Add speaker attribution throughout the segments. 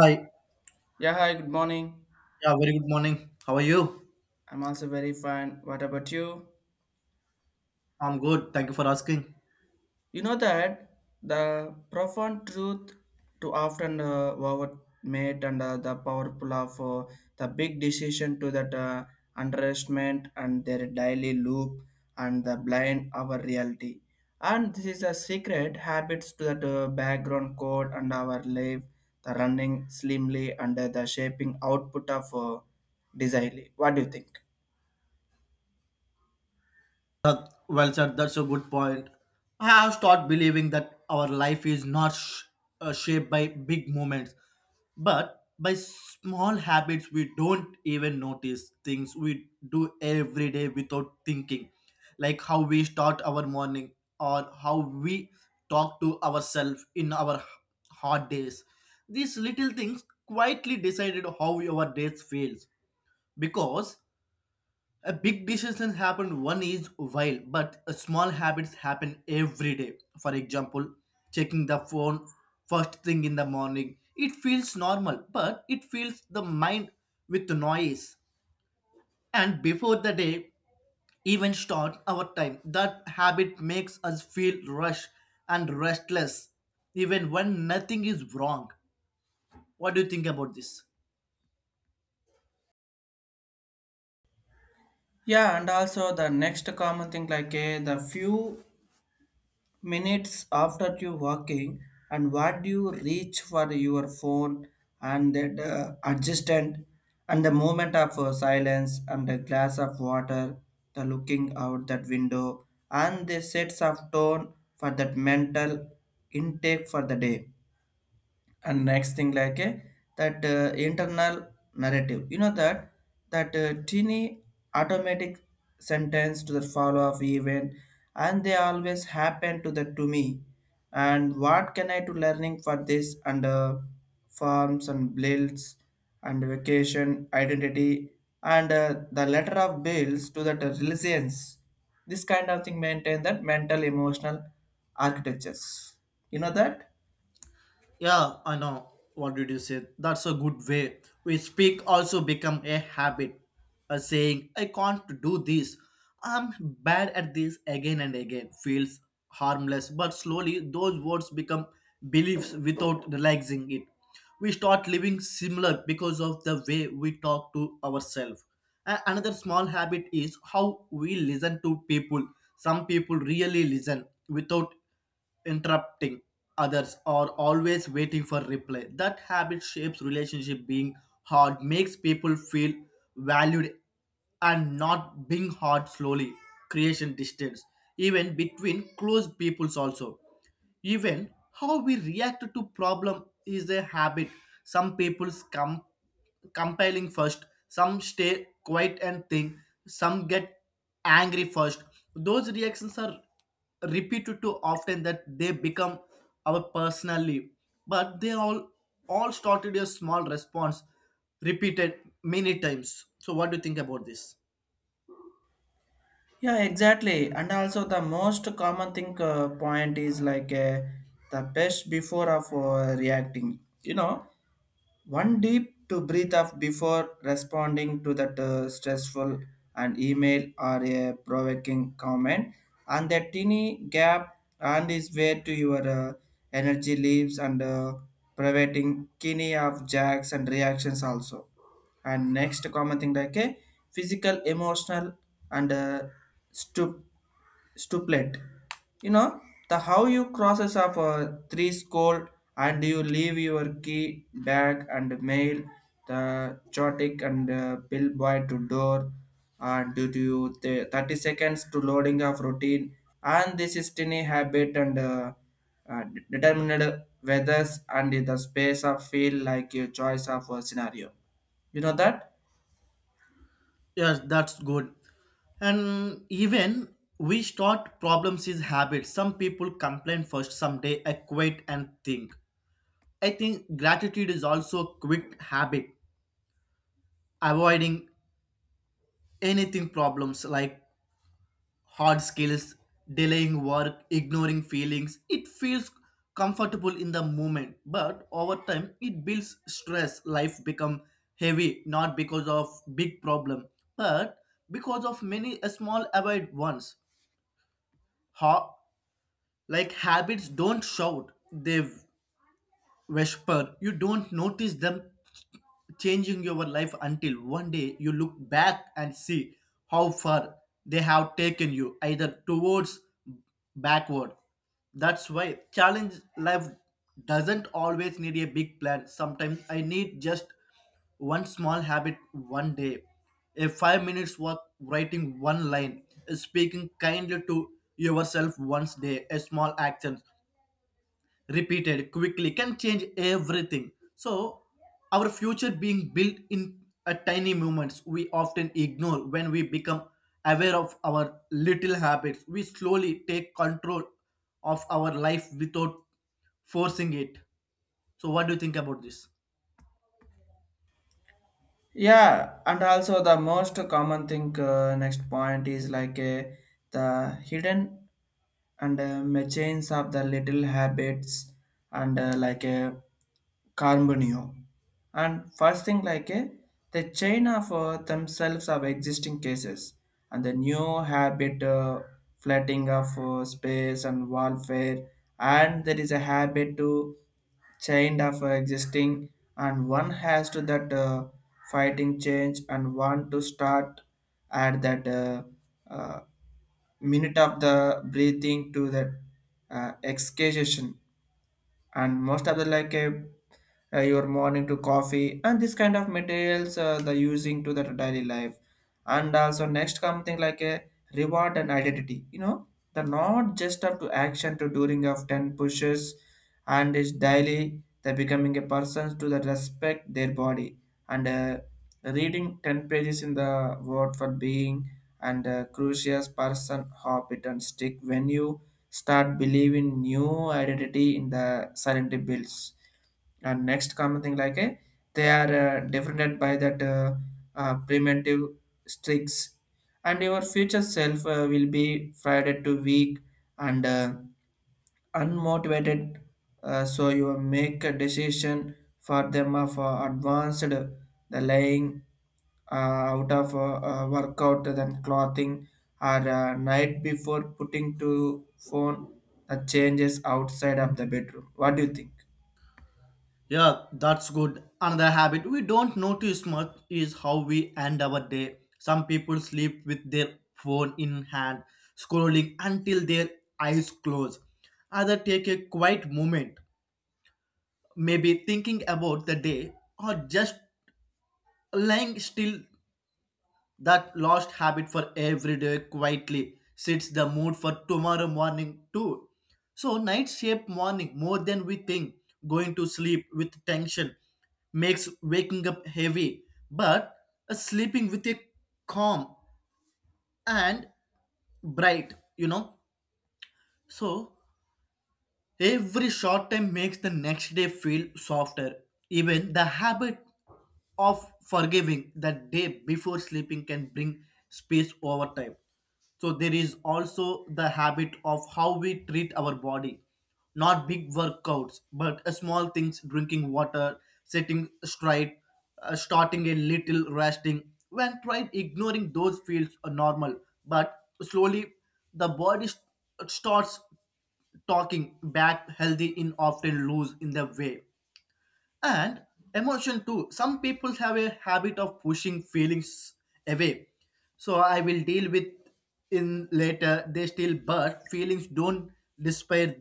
Speaker 1: Hi.
Speaker 2: Yeah, hi, good morning.
Speaker 1: Yeah, very good morning. How are you?
Speaker 2: I'm also very fine. What about you?
Speaker 1: I'm good. Thank you for asking.
Speaker 2: You know that the profound truth to often overmate and the powerful of the big decision to that underestimate and their daily loop and the blind our reality. And this is a secret habits to that background code and our life, the running slimly under the shaping output of desire. What do you think?
Speaker 1: That, well said. That's a good point. I have started believing that our life is not shaped by big moments, but by small habits we don't even notice. Things we do every day without thinking, like how we start our morning or how we talk to ourselves in our hard days. These little things quietly decided how our days feels. Because a big decision happen one each while, but a small habits happen every day. For example, checking the phone first thing in the morning. It feels normal, but it fills the mind with noise. And before the day even start our time, that habit makes us feel rush and restless, even when nothing is wrong. What do you think about this?
Speaker 2: Yeah, and also the next common thing like the few minutes after you walking and what do you reach for your phone and that adjustment and the moment of silence and the glass of water, the looking out that window and the sets of tone for that mental intake for the day and next thing like a that internal narrative, you know, that that teeny automatic sentence to the follow of event and they always happen to the to me and what can I do learning for this under farms and bills and vacation identity and the letter of bills to that resilience, this kind of thing maintain that mental emotional architectures, you know that.
Speaker 1: Yeah, I know. What did you say? That's a good way. We speak also become a habit. A saying, I can't do this. I'm bad at this again and again feels harmless, but slowly those words become beliefs without realizing it. We start living similar because of the way we talk to ourselves. Another small habit is how we listen to people. Some people really listen without interrupting others or always waiting for reply. That habit shapes relationship being hard, makes people feel valued and not being hard slowly, creation distance, even between close peoples also. Even how we react to problem is a habit. Some people's come compiling first, some stay quiet and think, some get angry first. Those reactions are repeated too often that they become our personality. But they all started a small response repeated many times. So what do you think about this?
Speaker 2: Yeah, exactly. And also the most common thing point is like the best before of reacting. You know, one deep to breathe up before responding to that stressful an email or a provoking comment, and that tiny gap and is where to your energy leaves and preventing kidney of jacks and reactions also. And next common thing like a physical, emotional, and stoop Stuplet. You know, the how you crosses of a three score and you leave your key bag and mail the chotic and bill boy to door and due to the 30 seconds to loading of routine and this is tiny habit and uh, determined weathers and the space of feel like your choice of a scenario. You know that?
Speaker 1: Yes, that's good. And even we start problems is habits. Some people complain first, someday I quit and think. I think gratitude is also a quick habit, avoiding anything problems like hard skills, delaying work, ignoring feelings. It feels comfortable in the moment, but over time it builds stress. Life become heavy not because of big problem, but because of many small avoid ones. Ha- like habits don't shout, they whisper. You don't notice them changing your life until one day you look back and see how far they have taken you, either towards backward. That's why challenge life doesn't always need a big plan. Sometimes I need just one small habit one day, a 5 minutes walk, writing one line, speaking kindly to yourself once day, a small action repeated quickly can change everything. So, our future being built in a tiny moments we often ignore when we become aware of our little habits. We slowly take control of our life without forcing it. So, what do you think about this?
Speaker 2: Yeah, and also the most common thing next point is like the hidden and machines of the little habits and like a carbonio. And first thing like the chain of themselves of existing cases and the new habit flooding of space and warfare and there is a habit to chained of existing and one has to that fighting change and want to start at that uh, minute of the breathing to that excavation and most of the like your morning to coffee and this kind of materials the using to the daily life, and also next something like a reward and identity, you know, the not just up to action to during of 10 pushes and is daily the becoming a person to the respect their body and reading 10 pages in the word for being and crucial person hop and stick venue start believing new identity in the silent bills. And next common thing like a they are defined by that primitive streaks and your future self will be fried to weak and unmotivated, so you make a decision for them of advanced the laying uh, out of workout than clothing or night before putting to phone, the changes outside of the bedroom. What do you think?
Speaker 1: Yeah, that's good. Another habit we don't notice much is how we end our day. Some people sleep with their phone in hand, scrolling until their eyes close. Others take a quiet moment, maybe thinking about the day or just lying still. That lost habit for every day quietly sets the mood for tomorrow morning too. So nights shape morning more than we think. Going to sleep with tension makes waking up heavy, but sleeping with a calm and bright, you know. So every short time makes the next day feel softer. Even the habit of forgiving the day before sleeping can bring space over time. So there is also the habit of how we treat our body. Not big workouts, but small things, drinking water, sitting straight, starting a little resting. When tried, ignoring those feels are normal, but slowly the body starts talking back healthy in often lose in the way and emotion too. Some people have a habit of pushing feelings away, so I will deal with in later they still, but feelings don't despair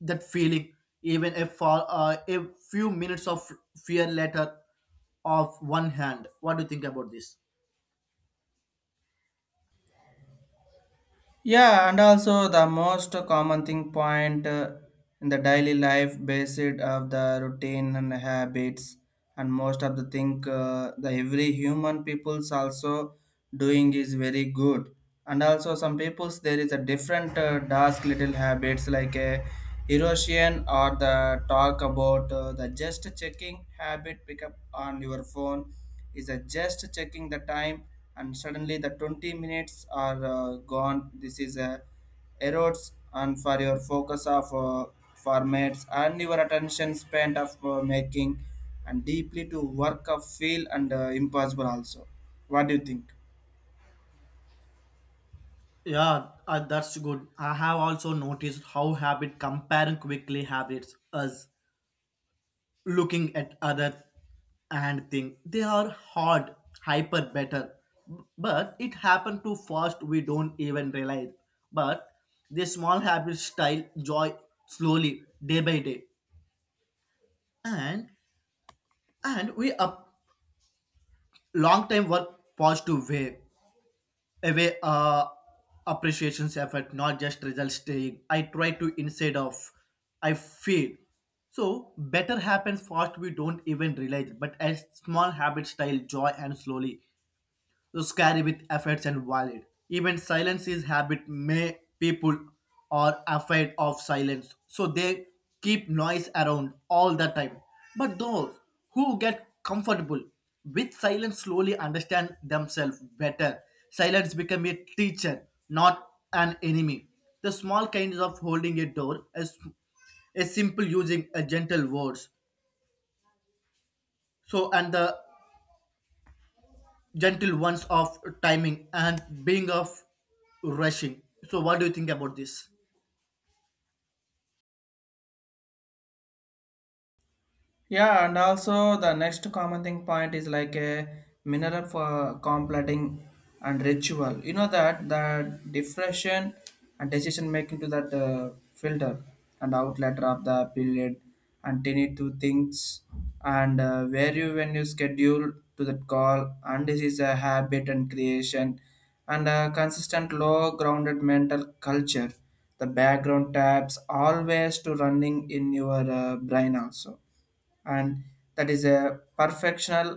Speaker 1: that feeling, even if for a few minutes of fear later of one hand. What do you think about this?
Speaker 2: Yeah, and also the most common thing point in the daily life based of the routine and habits, and most of the thing the every human people's also doing is very good. And also some people's there is a different task little habits like a erosion or the talk about the just checking habit pick up on your phone is a just checking the time and suddenly the 20 minutes are gone. This is a erodes and for your focus of formats and your attention span of making and deeply to work of feel and impossible also. What do you think?
Speaker 1: Yeah, that's good. I have also noticed how habit comparing quickly habits us looking at other and think they are hard, hyper better, but it happened too fast, we don't even realize, but the small habits style joy slowly day by day, and and we up long time work positive way away, appreciations effort, not just result staying. I try to instead of I feel. So better happens fast we don't even realize, but as small habits style joy and slowly scary with efforts and valid. Even silence is habit. May people are afraid of silence, so they keep noise around all the time. But those who get comfortable with silence slowly understand themselves better. Silence become a teacher, not an enemy. The small kinds of holding a door, a simple using a gentle words. So and the gentle ones of timing and being of rushing. So what do you think about this?
Speaker 2: Yeah, and also the next common thing point is like a mineral for completing and ritual. You know that the depression and decision making to that filter and outlet of the period and tiny two things and where you when you schedule to that call, and this is a habit and creation and a consistent low grounded mental culture. The background tabs always to running in your brain also, and that is a perfectional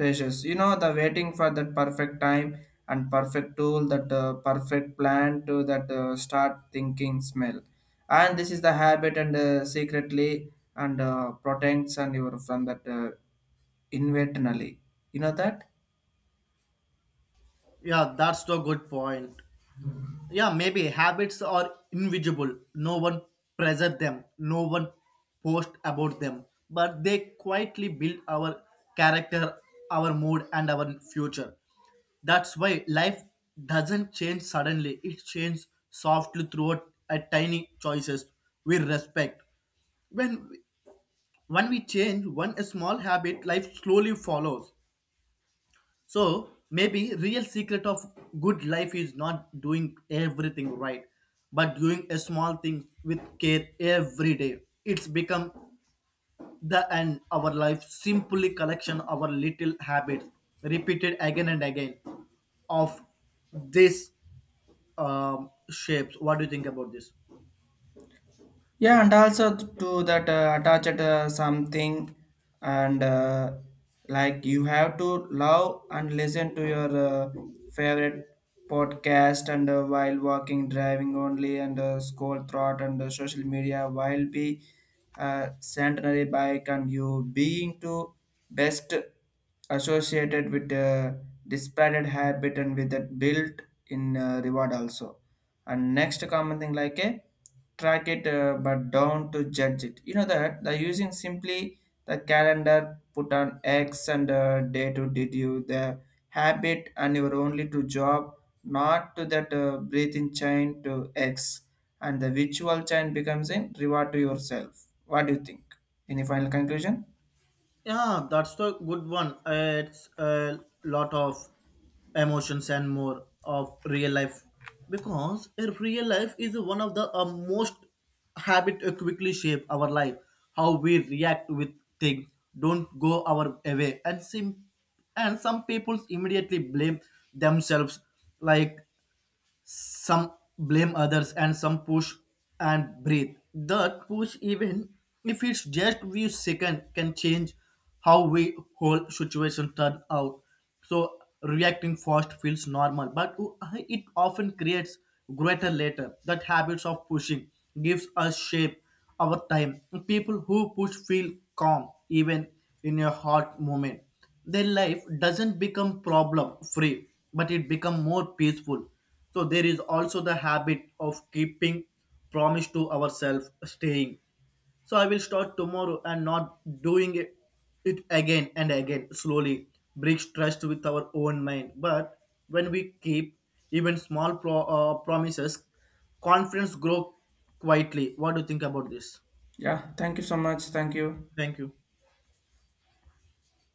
Speaker 2: patience, you know, the waiting for that perfect time and perfect tool, that perfect plan to that start thinking smell, and this is the habit and secretly and protects and you are from that internally, you know that.
Speaker 1: Yeah, that's the good point. Yeah, maybe habits are invisible, no one pressure them, no one post about them, but they quietly build our character, our mood and our future. That's why life doesn't change suddenly, it changes softly throughout a tiny choices we respect. when When we change one small habit, life slowly follows. So maybe real secret of good life is not doing everything right, but doing a small thing with care every day. It's become the end our life simply collection our little habits repeated again and again of this shapes. What do you think about this?
Speaker 2: Yeah, and also to that attached something, and like you have to love and listen to your favorite podcast and while walking, driving only, and scroll throughout and social media while be centenary bike and you being to best associated with disparate habit and with that built in reward also. And next common thing like a track it but don't to judge it, you know, that the using simply the calendar put on X and day to did you the habit and your only to job, not to that breathing chain to X, and the virtual chain becomes a reward to yourself. What do you think? Any final conclusion?
Speaker 1: Yeah, that's the good one. It's a lot of emotions and more of real life, because a real life is one of the most habit quickly shape our life. How we react with things don't go our way, and and some people immediately blame themselves, like some blame others and some push and breathe. That push, even if it's just few seconds, can change how we whole situation turn out. So reacting fast feels normal, but it often creates greater later. That habits of pushing gives us shape our time. People who push feel calm even in a hard moment. Their life doesn't become problem free, but it become more peaceful. So there is also the habit of keeping promise to ourselves, staying. So I will start tomorrow and not doing it again and again slowly breaks trust with our own mind. But when we keep even small promises, confidence grow quietly. What do you think about this?
Speaker 2: Yeah, thank you so much. Thank you.
Speaker 1: Thank you.